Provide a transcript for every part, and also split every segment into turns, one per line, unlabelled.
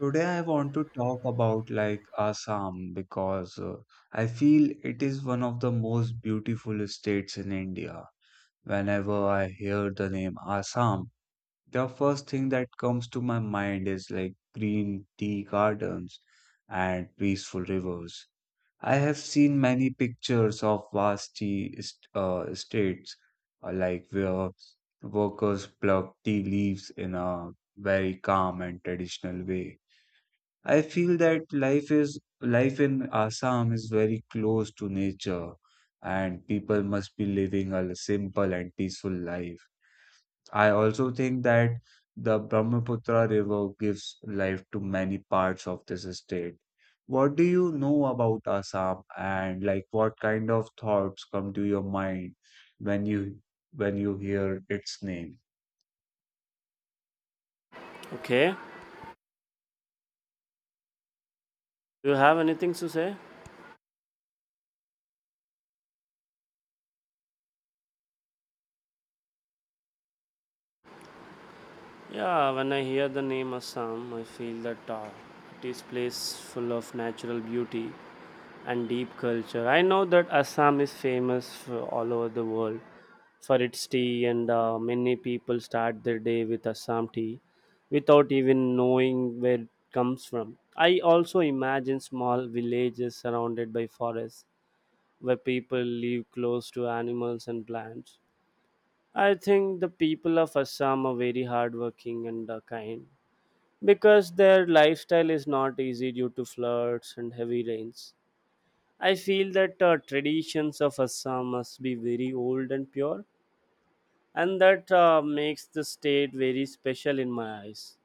Today I want to talk about like Assam because I feel it is one of the most beautiful states in India. Whenever I hear the name Assam, the first thing that comes to my mind is like green tea gardens and peaceful rivers. I have seen many pictures of vast states like where workers pluck tea leaves in a very calm and traditional way. I feel that life in Assam is very close to nature and people must be living a simple and peaceful life. I also think that the Brahmaputra River gives life to many parts of this state. What do you know about Assam and like what kind of thoughts come to your mind when you when you hear its name?
Okay. Do you have anything to say? Yeah, when I hear the name Assam, I feel that it is place full of natural beauty and deep culture. I know that Assam is famous for all over the world for its tea, and many people start their day with Assam tea without even knowing where it comes from. I also imagine small villages surrounded by forests where people live close to animals and plants. I think the people of Assam are very hardworking and kind because their lifestyle is not easy due to floods and heavy rains. I feel that traditions of Assam must be very old and pure, and that makes the state very special in my eyes.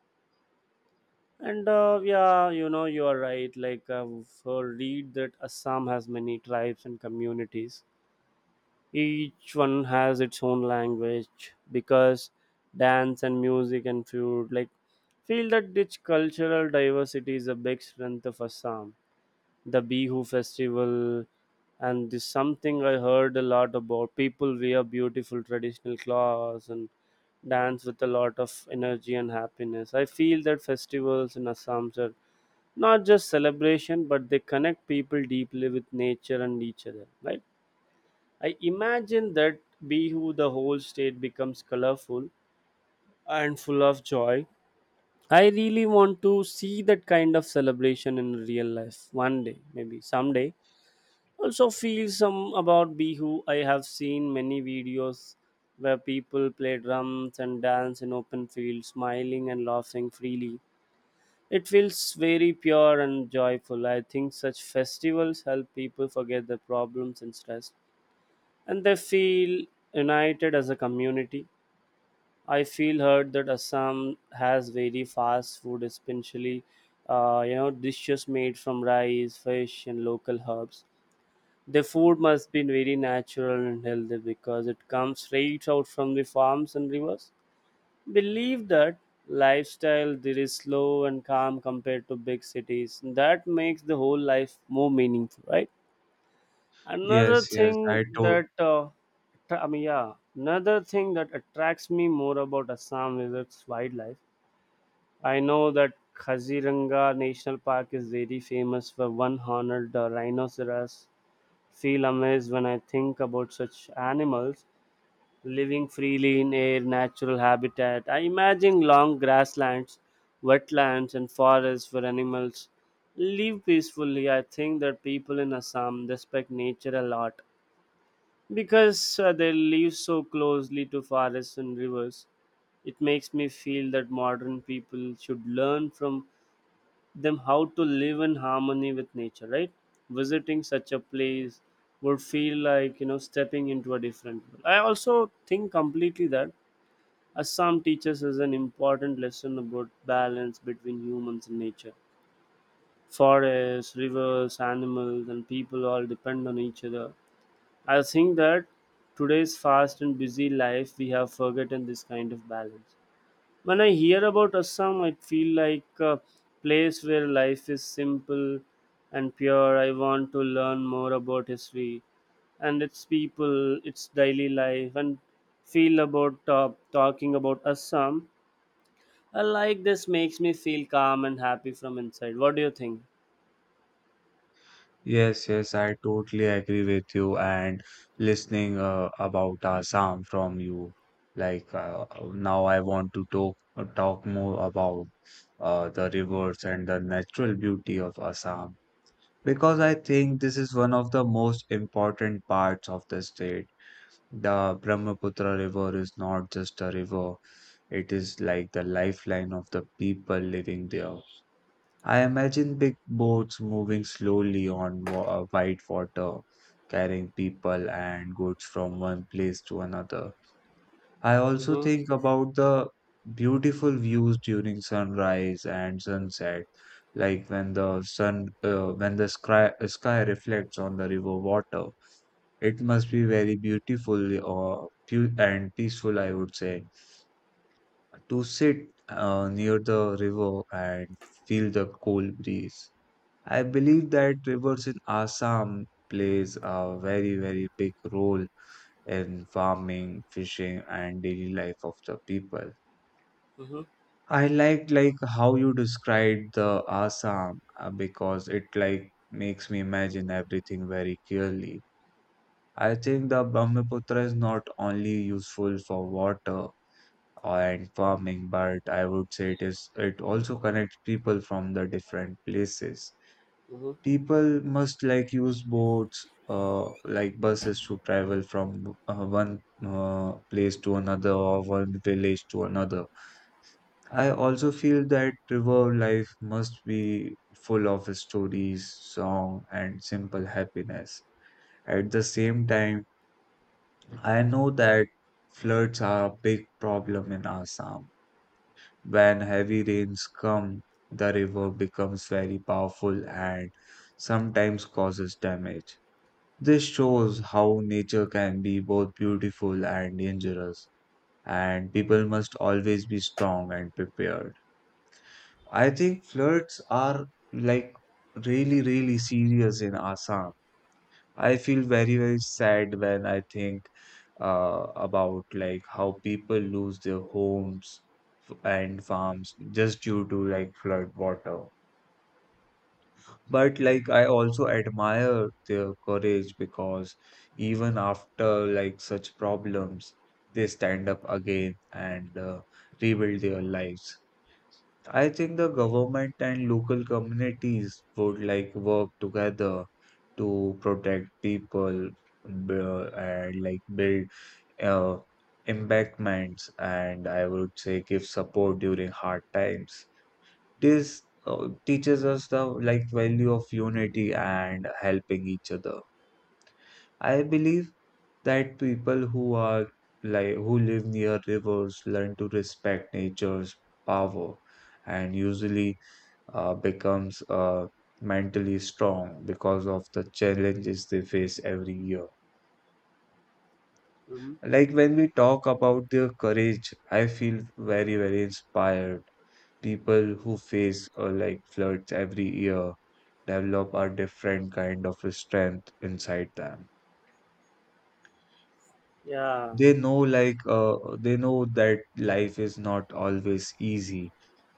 And Yeah, you are right. Like I've read that Assam has many tribes and communities. Each one has its own language because dance and music and food like feel that its cultural diversity is a big strength of Assam. The Bihu festival and this something I heard a lot about. People wear beautiful traditional clothes and dance with a lot of energy and happiness. I feel that festivals in Assam are not just celebration, but they connect people deeply with nature and each other. Right? I imagine that Bihu, the whole state becomes colorful and full of joy. I really want to see that kind of celebration in real life one day, maybe someday. Also, feel some about Bihu. I have seen many videos where people play drums and dance in open fields, smiling and laughing freely. It feels very pure and joyful. I think such festivals help people forget their problems and stress, and they feel united as a community. I feel hurt that Assam has very fast food, especially dishes made from rice, fish, and local herbs. The food must be very natural and healthy because it comes straight out from the farms and rivers. Believe that lifestyle there is slow and calm compared to big cities. That makes the whole life more meaningful, right? Another
Yes, yes, I
thing
told.
that yeah, another thing that attracts me more about Assam is its wildlife. I know that Kaziranga National Park is very famous for one horned rhinoceros. Feel amazed when I think about such animals living freely in air, natural habitat. I imagine long grasslands, wetlands, and forests where animals live peacefully. I think that people in Assam respect nature a lot because they live so closely to forests and rivers, it makes me feel that modern people should learn from them how to live in harmony with nature, right? Visiting such a place would feel like, stepping into a different world. I also think completely that Assam teaches us an important lesson about balance between humans and nature. Forests, rivers, animals, and people all depend on each other. I think that today's fast and busy life, we have forgotten this kind of balance. When I hear about Assam, I feel like a place where life is simple and pure. I want to learn more about history and its people, its daily life, and feel about talking about Assam. I like this makes me feel calm and happy from inside. What do you think?
Yes, yes, I totally agree with you. And listening about Assam from you, like uh, now I want to talk more about the rivers and the natural beauty of Assam, because I think this is one of the most important parts of the state. The Brahmaputra River is not just a river; it is like the lifeline of the people living there. I imagine big boats moving slowly on white water, carrying people and goods from one place to another. I also
Mm-hmm,
think about the beautiful views during sunrise and sunset, like when the when the sky reflects on the river water. It must be very beautiful or and peaceful, I would say, to sit near the river and feel the cool breeze. I believe that rivers in Assam plays a very, very big role in farming, fishing, and daily life of the people.
mm-hmm,
I like how you described the Assam because it like makes me imagine everything very clearly. I think the Brahmaputra is not only useful for water and farming, but I would say it also connects people from the different places.
mm-hmm,
People must like use boats, like buses to travel from one place to another or one village to another. I also feel that river life must be full of stories, song, and simple happiness. At the same time, I know that floods are a big problem in Assam. When heavy rains come, the river becomes very powerful and sometimes causes damage. This shows how nature can be both beautiful and dangerous, and people must always be strong and prepared. I think floods are like really, really serious in Assam. I feel very, very sad when I think about like how people lose their homes and farms just due to like flood water. But like I also admire their courage because even after like such problems, they stand up again and rebuild their lives. I think the government and local communities would like work together to protect people and like build uh, embankments and I would say give support during hard times. This teaches us the like value of unity and helping each other. I believe that people who are who live near rivers learn to respect nature's power and usually becomes mentally strong because of the challenges they face every year.
mm-hmm.
Like when we talk about their courage, I feel very, very inspired. People who face like floods every year develop a different kind of strength inside them.
Yeah.
They know like they know that life is not always easy,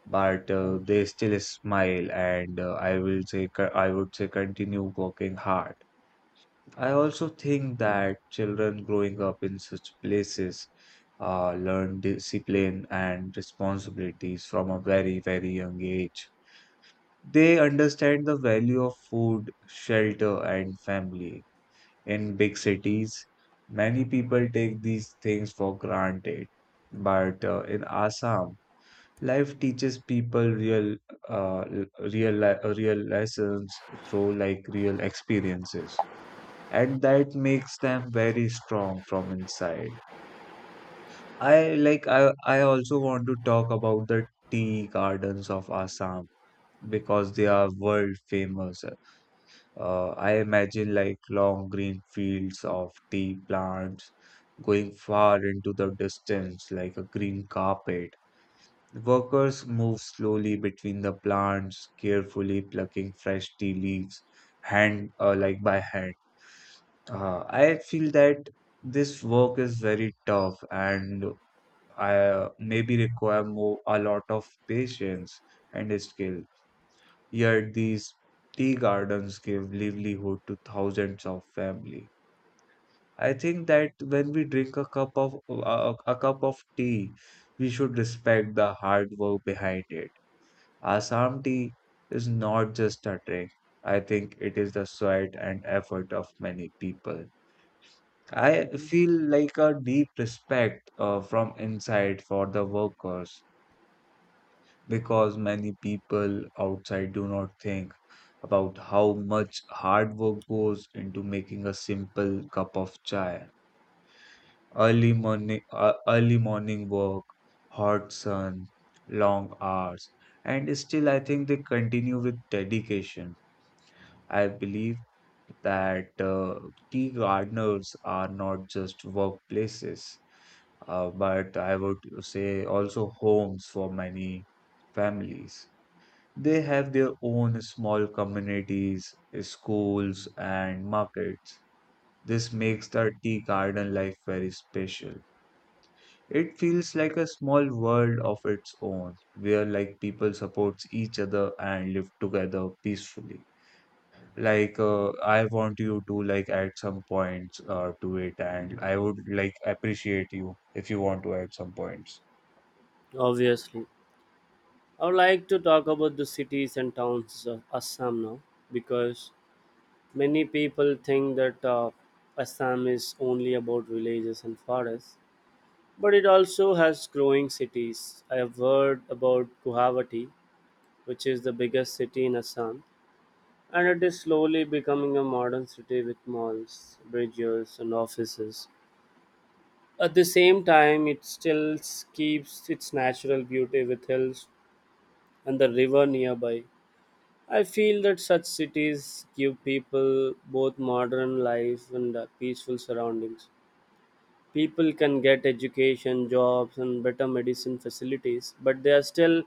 but they still smile and I would say continue working hard. I also think that children growing up in such places learn discipline and responsibilities from a very, very young age. They understand the value of food, shelter, and family. In big cities, many people take these things for granted. But in Assam, life teaches people uh, real lessons through like real experiences, and that makes them very strong from inside. I like I also want to talk about the tea gardens of Assam because they are world famous. I imagine like long green fields of tea plants going far into the distance like a green carpet. Workers move slowly between the plants, carefully plucking fresh tea leaves, hand like by hand. I feel that this work is very tough and I maybe require more a lot of patience and skill. Yet these tea gardens give livelihood to thousands of families. I think that when we drink a cup of tea, we should respect the hard work behind it. Assam tea is not just a drink. I think it is the sweat and effort of many people. I
Mm-hmm.
feel like a deep respect from inside for the workers because many people outside do not think about how much hard work goes into making a simple cup of chai. Early morning work, hot sun, long hours, and still I think they continue with dedication. I believe that tea gardeners are not just workplaces, but I would say also homes for many families. They have their own small communities, schools, and markets. This makes the tea garden life very special. It feels like a small world of its own, where like people supports each other and live together peacefully. Like I want you to like add some points to it, and I would like appreciate you if you want to add some points.
Obviously. I would like to talk about the cities and towns of Assam now because many people think that Assam is only about villages and forests, but it also has growing cities. I have heard about Guwahati, which is the biggest city in Assam, and it is slowly becoming a modern city with malls, bridges, and offices. At the same time, it still keeps its natural beauty with hills and the river nearby. I feel that such cities give people both modern life and peaceful surroundings. People can get education, jobs, and better medicine facilities, but they are still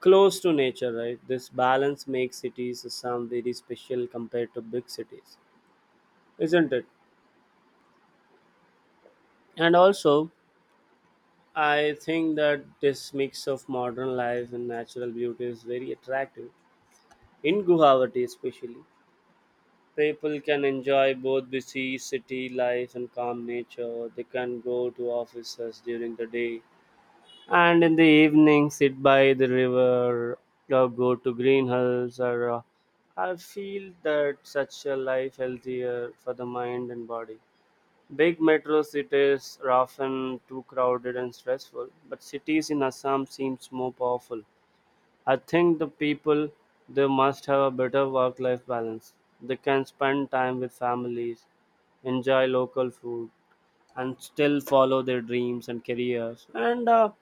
close to nature, right? This balance makes cities sound very special compared to big cities, isn't it? And also, I think that this mix of modern life and natural beauty is very attractive in Guwahati, especially. People can enjoy both busy city life and calm nature. They can go to offices during the day and in the evening sit by the river or go to green hills or I feel that such a life healthier for the mind and body. Big metro cities are often too crowded and stressful, but cities in Assam seems more powerful. I think the people They must have a better work life balance. They can spend time with families, enjoy local food, and still follow their dreams and careers. And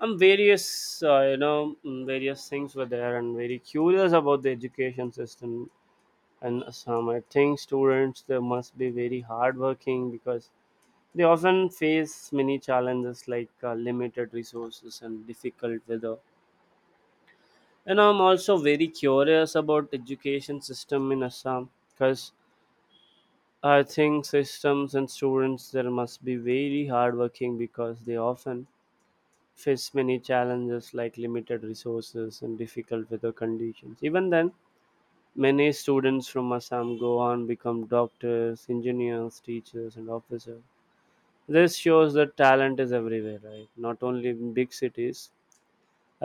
I'm various, various things were there, and very curious about the education system. And some I think students they must be very hardworking because they often face many challenges like limited resources and difficult weather, and I'm also very curious about education system in assam because I think systems and students there must be very hardworking because they often face many challenges like limited resources and difficult weather conditions. Even then many students from assam go on become doctors engineers teachers and officers. This shows that talent is everywhere, right? Not only in big cities.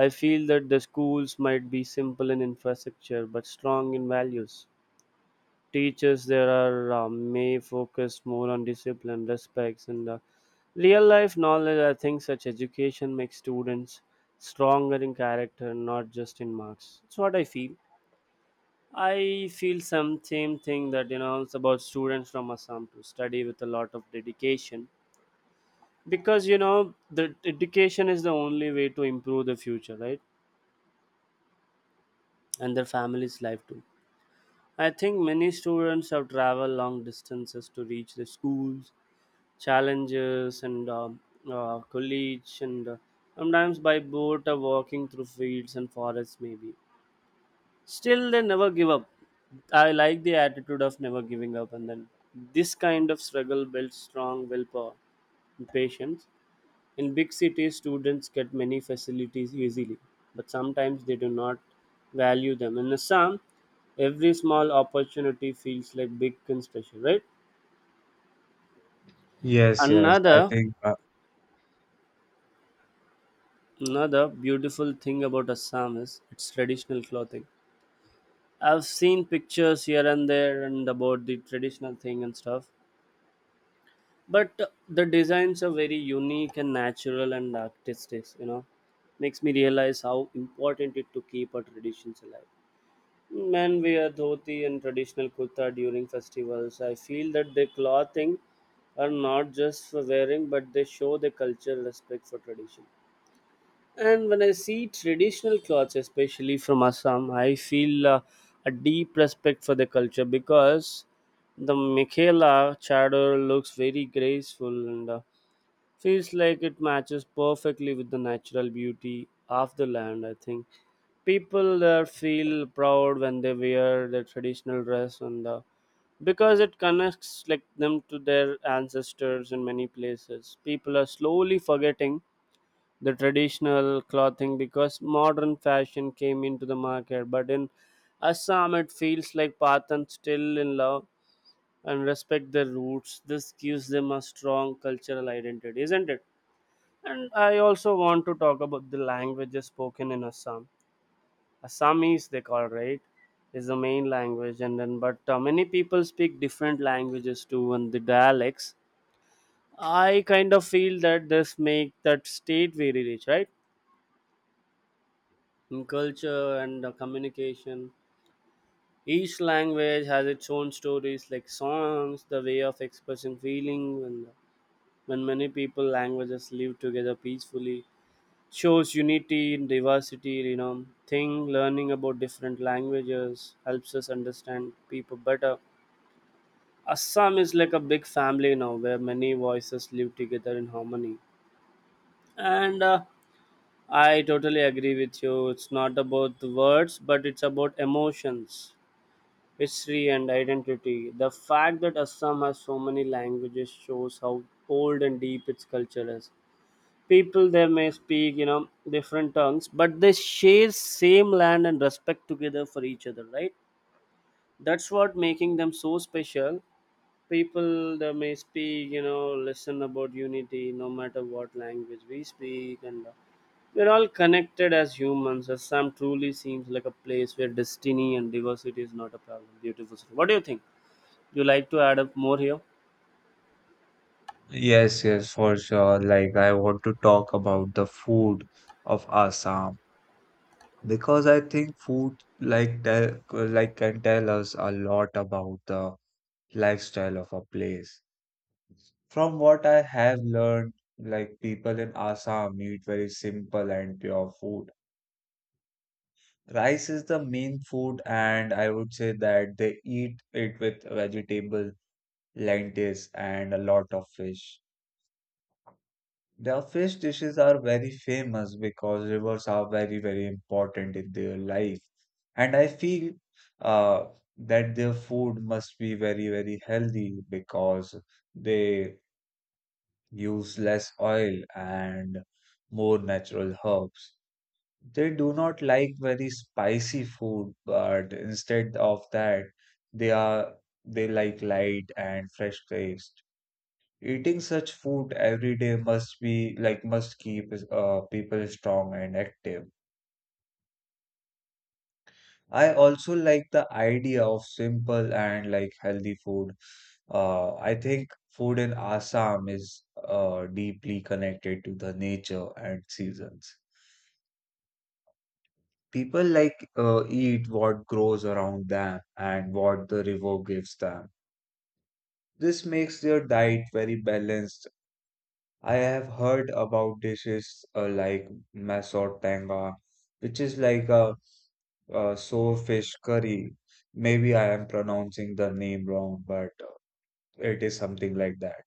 I feel that the schools might be simple in infrastructure but strong in values. Teachers there are may focus more on discipline, respects, and real life knowledge. I think such education makes students stronger in character, not just in marks. That's what I feel. I feel some same thing that you know it's about students from Assam to study with a lot of dedication because you know the education is the only way to improve the future, right? And their family's life too. I think many students have traveled long distances to reach the schools, challenges, and college, and sometimes by boat or walking through fields and forests, maybe. Still, they never give up. I like the attitude of never giving up, and then this kind of struggle builds strong willpower and patience. In big cities, students get many facilities easily, but sometimes they do not value them. In Assam, every small opportunity feels like big and special, right?
Yes, yes, I
Another
think.
Another beautiful thing about Assam is its traditional clothing. I've seen pictures here and there and about the traditional thing and stuff, but the designs are very unique and natural and artistic. You know, makes me realize how important it to keep our traditions alive. Men wear dhoti and traditional kurta during festivals. I feel that the clothing are not just for wearing, but they show the culture respect for tradition. And when I see traditional clothes, especially from Assam, I feel a deep respect for the culture because the Michaela chador looks very graceful and feels like it matches perfectly with the natural beauty of the land. I think people there feel proud when they wear their traditional dress and because it connects like them to their ancestors. In many places people are slowly forgetting the traditional clothing because modern fashion came into the market, but in assam it feels like pathan still in love and respect their roots. This gives them a strong cultural identity, isn't it? And I also want to talk about the languages spoken in assam. Assamese they call, right, is the main language and then but many people speak different languages too and the dialects. I kind of feel that this make that state very rich, right, in culture and communication. Each language has its own stories like songs, the way of expressing feeling, and when many people languages live together peacefully, shows unity in diversity, you know thing. Learning about different languages helps us understand people better. Assam is like a big family now where many voices live together in harmony. And I totally agree with you. It's not about the words, but it's about emotions, history, and identity. The fact that Assam has so many languages shows how old and deep its culture is. People there may speak, different tongues, but they share same land and respect together for each other, right? That's what making them so special. People they may speak you know listen about unity no matter what language we speak, and we're all connected as humans. Assam truly seems like a place where destiny and diversity is not a problem beautiful. What do you think? You like to add up more here?
Yes, yes, for sure. Like, I want to talk about the food of Assam because I think food like tell like can tell us a lot about the lifestyle of a place. From what I have learned, like people in Assam eat very simple and pure food. Rice is the main food, and I would say that they eat it with vegetable, lentils, and a lot of fish. Their fish dishes are very famous because rivers are very, very important in their life. And I feel uh, that their food must be very, very healthy because they use less oil and more natural herbs. They do not like very spicy food, but instead of that, they are they like light and fresh taste. Eating such food every day must be like must keep people strong and active. I also like the idea of simple and like healthy food. I think food in Assam is deeply connected to the nature and seasons. People like eat what grows around them and what the river gives them. This makes their diet very balanced. I have heard about dishes like masotanga, which is like a sour fish curry. Maybe I am pronouncing the name wrong, but it is something like that.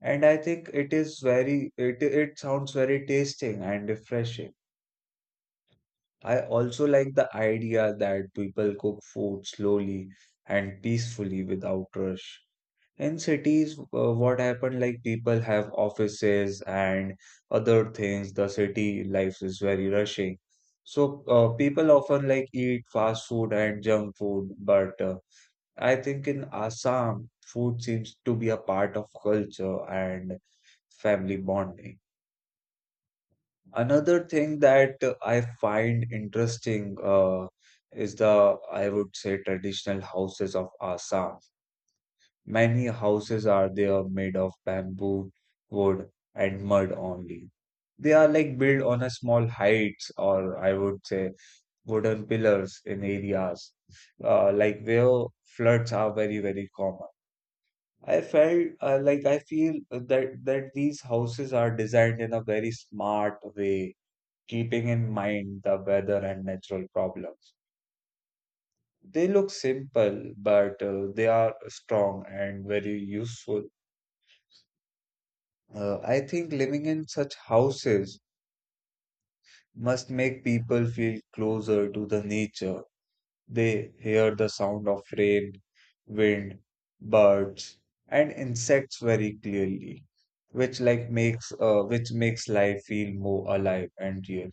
And I think it is it sounds very tasting and refreshing. I also like the idea that people cook food slowly and peacefully without rush. In cities, what happened like people have offices and other things. The city life is very rushing. So people often like eat fast food and junk food, but I think in Assam, food seems to be a part of culture and family bonding. Another thing that I find interesting is the, I would say, traditional houses of Assam. Many houses are there made of bamboo, wood, and mud only. They are like built on a small heights or I would say wooden pillars in areas like where floods are very, very common. I felt like I feel that these houses are designed in a very smart way, keeping in mind the weather and natural problems. They look simple, but they are strong and very useful. I think living in such houses must make people feel closer to the nature. They hear the sound of rain, wind, birds, and insects very clearly, which like makes which makes life feel more alive and real.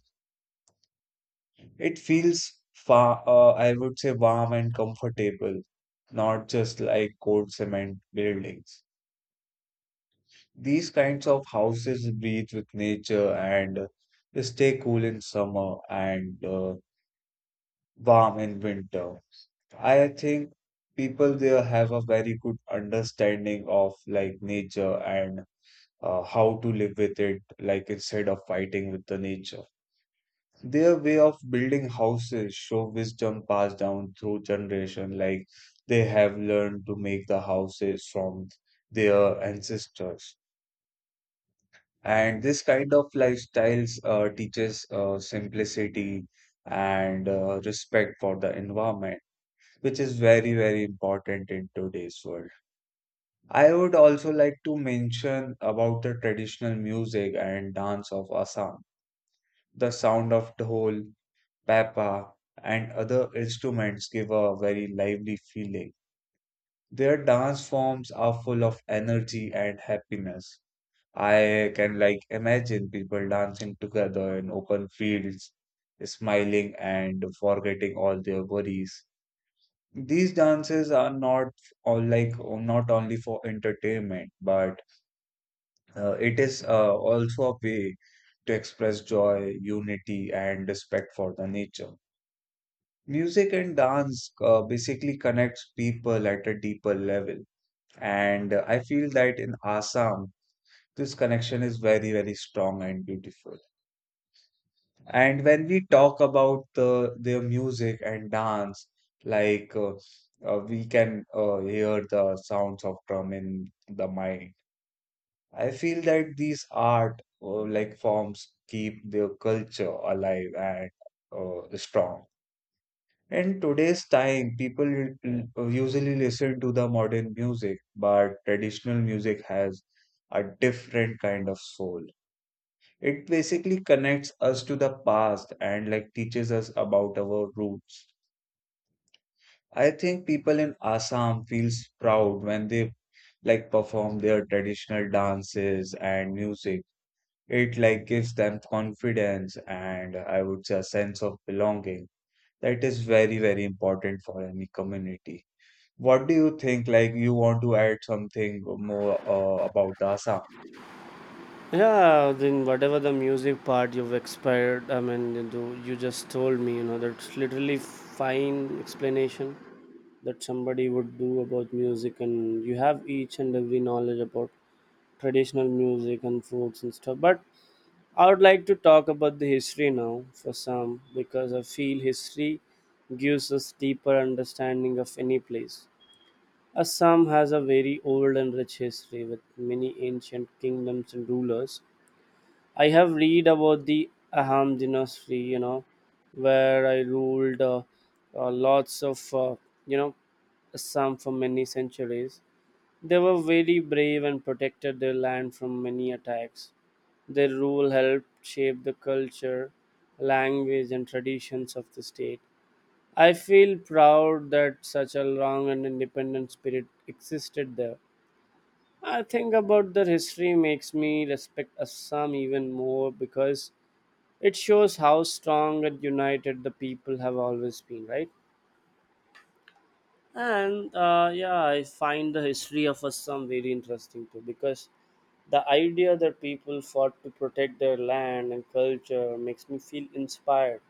It feels far, I would say, warm and comfortable, not just like cold cement buildings. These kinds of houses breathe with nature and stay cool in summer and warm in winter. I think people there have a very good understanding of like nature and how to live with it, like instead of fighting with the nature. Their way of building houses show wisdom passed down through generation, like they have learned to make the houses from their ancestors. And this kind of lifestyles teaches simplicity and respect for the environment, which is very, very important in today's world. I would also like to mention about the traditional music and dance of Assam. The sound of dhol, pepa, and other instruments give a very lively feeling. Their dance forms are full of energy and happiness. I can like imagine people dancing together in open fields, smiling and forgetting all their worries. These dances are not all like not only for entertainment, but it is also a way to express joy, unity, and respect for the nature. Music and dance basically connects people at a deeper level, and I feel that in Assam, this connection is very, very strong and beautiful. And when we talk about their music and dance, like uh, we can hear the sounds of drum in the mind. I feel that these art forms keep their culture alive and strong. In today's time, people usually listen to the modern music, but traditional music has a different kind of soul. It basically connects us to the past and like teaches us about our roots. I think people in Assam feels proud when they like perform their traditional dances and music. It like gives them confidence, and I would say a sense of belonging. That is very, very important for any community. What do you think? Like you want to add something more about Assam?
Yeah, then whatever the music part you've expired, I mean, you do you just told me you know that's literally fine explanation that somebody would do about music, and you have each and every knowledge about traditional music and foods and stuff. But I would like to talk about the history now for some because I feel history gives us deeper understanding of any place. Assam has a very old and rich history with many ancient kingdoms and rulers. I have read about the Aham dynasty, you know, where I ruled lots of, you know, Assam for many centuries. They were very brave and protected their land from many attacks. Their rule helped shape the culture, language, and traditions of the state. I feel proud that such a long and independent spirit existed there. I think about their history makes me respect Assam even more because it shows how strong and united the people have always been, right? And yeah, I find the history of Assam very interesting too, because the idea that people fought to protect their land and culture makes me feel inspired.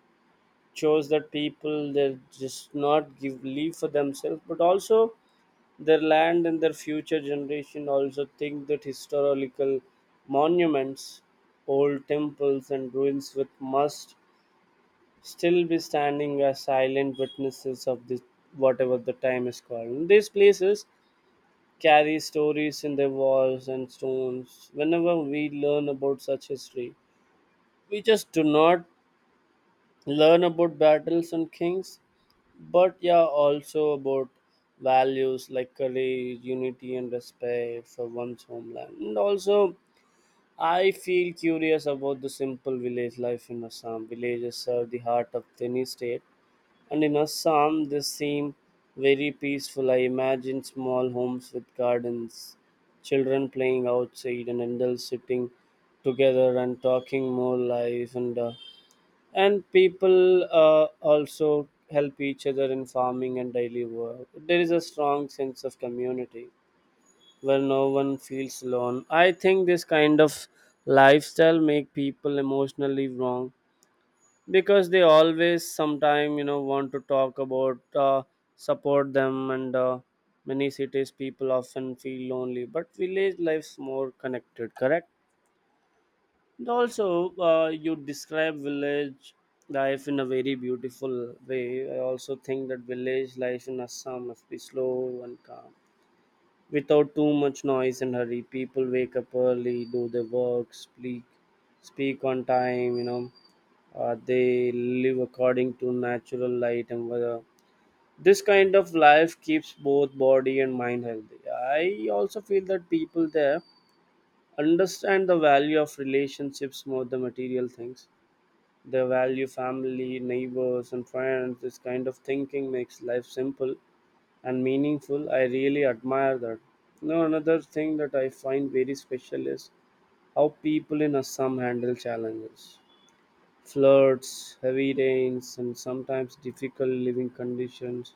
Shows that people they just not give leave for themselves but also their land and their future generation. Also think that historical monuments, old temples and ruins with must still be standing as silent witnesses of this whatever the time is called. These places carry stories in their walls and stones. Whenever we learn about such history, we just do not learn about battles and kings, but yeah, also about values like courage, unity, and respect for one's homeland. And also, I feel curious about the simple village life in Assam. Villages serve the heart of any state. And in Assam, they seem very peaceful. I imagine small homes with gardens, children playing outside, and adults sitting together and talking more life. And people also help each other in farming and daily work. There is a strong sense of community where no one feels alone. I think this kind of lifestyle make people emotionally wrong, because they always sometime, you know, want to talk about, support them, and many cities people often feel lonely but village life's more connected, correct? And also, you describe village life in a very beautiful way. I also think that village life in Assam must be slow and calm without too much noise and hurry. People wake up early, do their work, speak on time, you know. They live according to natural light and weather. This kind of life keeps both body and mind healthy. I also feel that people there understand the value of relationships more than material things. They value family, neighbors and friends. This kind of thinking makes life simple and meaningful. I really admire that. You know, another thing that I find very special is how people in Assam handle challenges. Floods, heavy rains, and sometimes difficult living conditions.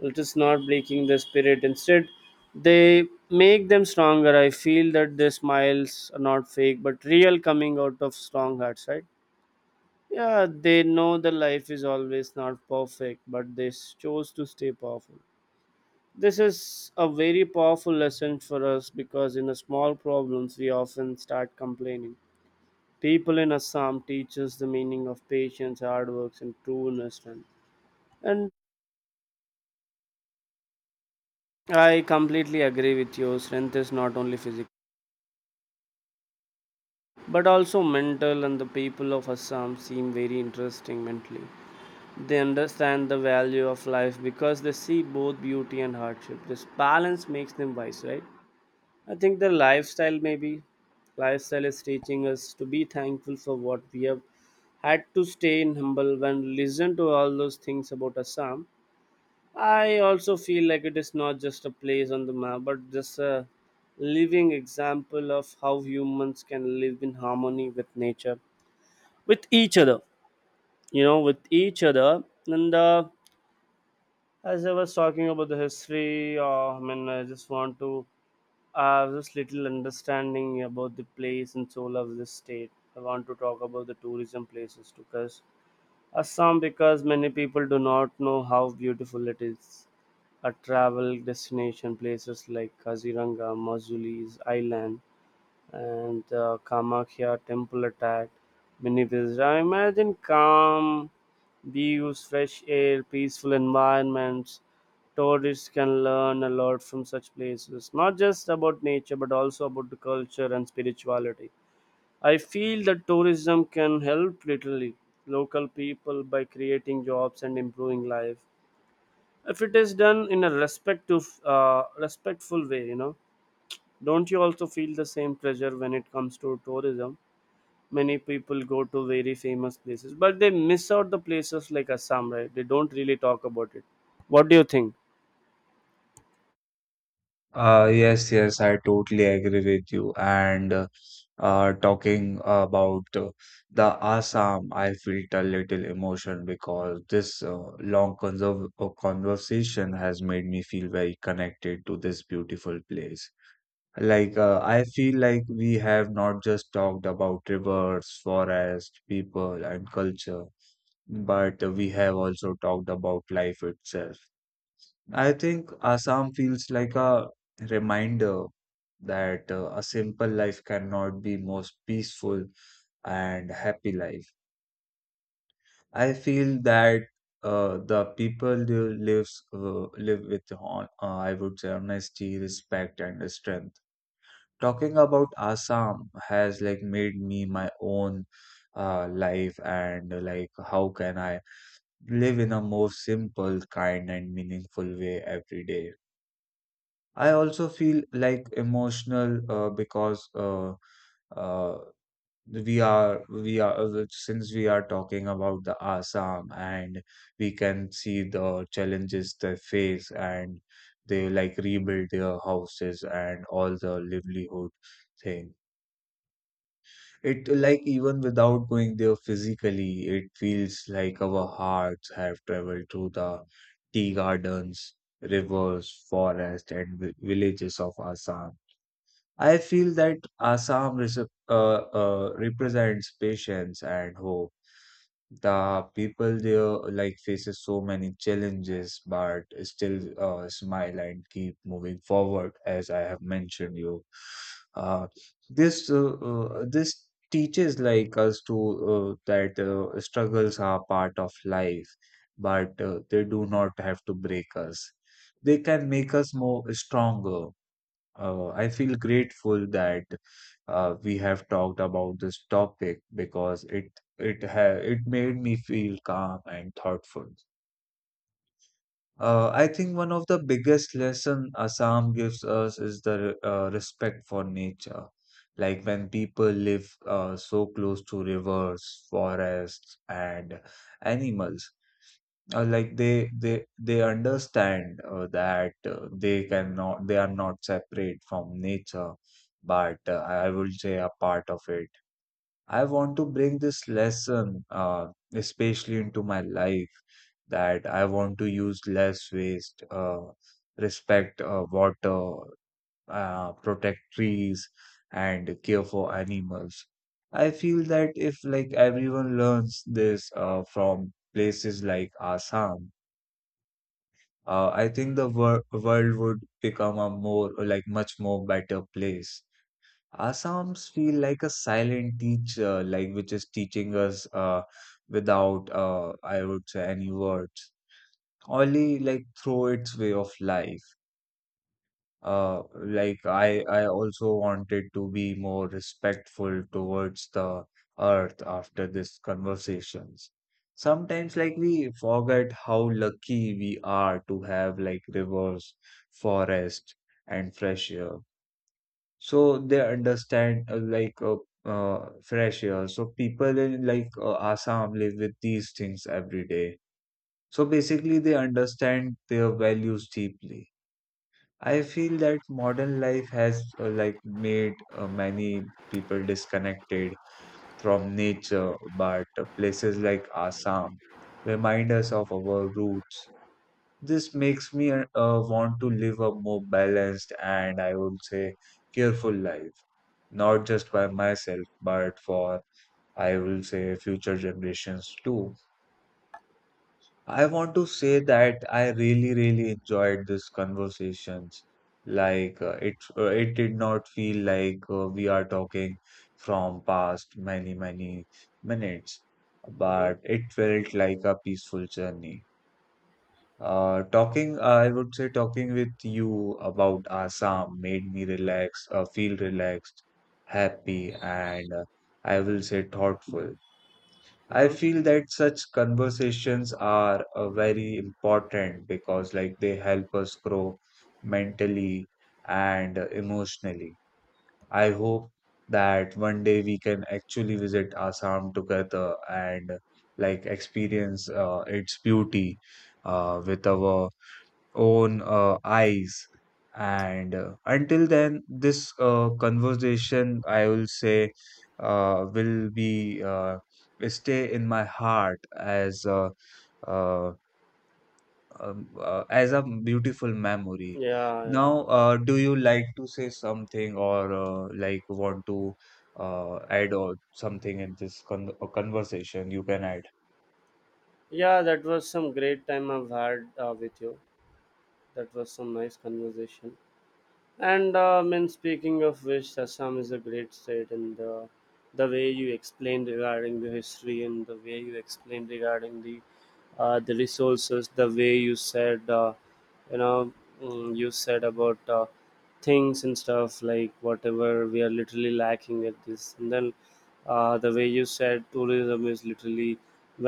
It is not breaking the spirit. Instead, they make them stronger. I feel that their smiles are not fake, but real, coming out of strong hearts, right? Yeah, they know the life is always not perfect, but they chose to stay powerful. This is a very powerful lesson for us because in a small problems we often start complaining. People in Assam teach us the meaning of patience, hard work, and true strength. And I completely agree with you. Strength is not only physical, but also mental. And the people of Assam seem very interesting mentally. They understand the value of life because they see both beauty and hardship. This balance makes them wise, right? I think the lifestyle is teaching us to be thankful for what we have, had to stay in humble when listen to all those things about Assam. I also feel like it is not just a place on the map, but just a living example of how humans can live in harmony with nature, with each other, you know, with each other. And As I was talking about the history, I mean, I just want to have this little understanding about the place and soul of this state. I want to talk about the tourism places, because Assam, because many people do not know how beautiful it is. A travel destination places like Kaziranga, Mazuli's Island and the Kamakhya temple attack many visitors. I imagine calm views, fresh air, peaceful environments. Tourists can learn a lot from such places, not just about nature but also about the culture and spirituality. I feel that tourism can help literally local people by creating jobs and improving life, if it is done in a respectful way, you know. Don't you also feel the same pressure when it comes to tourism? Many people go to very famous places but they miss out the places like Assam, right? They don't really talk about it. What do you think?
Yes, yes, I totally agree with you. And talking about the Assam, I felt a little emotion because this long conserv conversation has made me feel very connected to this beautiful place. Like, I feel like we have not just talked about rivers, forests, people, and culture, but we have also talked about life itself. I think Assam feels like a reminder that a simple life cannot be most peaceful and happy life. I feel that the people who live with I would say honesty, respect, and strength. Talking about Assam has like made me my own life and like how can I live in a more simple, kind, and meaningful way every day. I also feel like emotional because uh, we are since we are talking about the Assam, and we can see the challenges they face and they like rebuild their houses and all the livelihood thing. It like, even without going there physically, it feels like our hearts have traveled through the tea gardens, rivers, forest, and villages of Assam. I feel that Assam represents patience and hope. The people there like faces so many challenges, but still smile and keep moving forward, as I have mentioned you. Uh, this teaches like us to that struggles are part of life, but they do not have to break us. They can make us more stronger. I feel grateful that we have talked about this topic because it made me feel calm and thoughtful. I think one of the biggest lesson Assam gives us is the respect for nature. Like when people live so close to rivers, forests, and animals, they understand that they cannot they are not separate from nature, but I would say a part of it. I want to bring this lesson especially into my life, that I want to use less waste, respect water, protect trees, and care for animals. I feel that if like everyone learns this from places like Assam, I think the world would become a more, like, much more better place. Assam's feel like a silent teacher, like, which is teaching us without, I would say, any words, only like through its way of life. I also wanted to be more respectful towards the earth after these conversations. Sometimes, like we forget how lucky we are to have like rivers, forest, and fresh air. So they understand fresh air. So people in like Assam live with these things every day. So basically, they understand their values deeply. I feel that modern life has like made many people disconnected from nature, but places like Assam remind us of our roots. This makes me want to live a more balanced, and I would say careful life, not just by myself, but for, I will say, future generations too. I want to say that I really, really enjoyed these conversations. It did not feel like we are talking from past many, many minutes,
Hmm.
but it felt like a peaceful journey. Talking, I would say, talking with you about Assam made me feel relaxed, happy, and I will say thoughtful. I
Hmm.
feel that such conversations are very important because, like, they help us grow mentally and emotionally. I hope that one day we can actually visit Assam together and, like, experience its beauty with our own eyes. And until then, this conversation, I will say, will be stay in my heart uh, as a beautiful memory.
Yeah, yeah.
Now, do you like to say something, or like want to add or something in this conversation? You can add.
Yeah, that was some great time I've had with you. That was some nice conversation. And I mean, speaking of which, Assam is a great state, and the way you explained regarding the history, and the way you explained regarding the resources, the way you said, you know, you said about things and stuff like whatever we are literally lacking at this, and then the way you said tourism is literally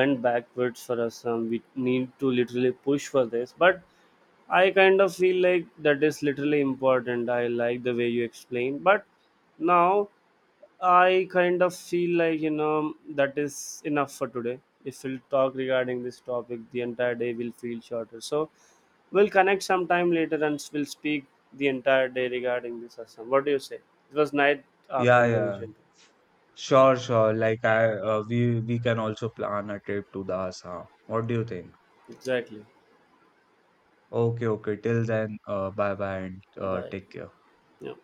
went backwards for us. We need to literally push for this, but I kind of feel like that is literally important. I like the way you explain, but now I kind of feel like, you know, that is enough for today. If we'll talk regarding this topic, the entire day will feel shorter. So we'll connect sometime later and we'll speak the entire day regarding this. Asam. What do you say? It was night
Yeah, yeah.
conversation.
Sure, sure. Like I, we can also plan a trip to the Assam. What do you think?
Exactly.
Okay, okay. Till then, bye bye and
Bye.
take care.
Yeah.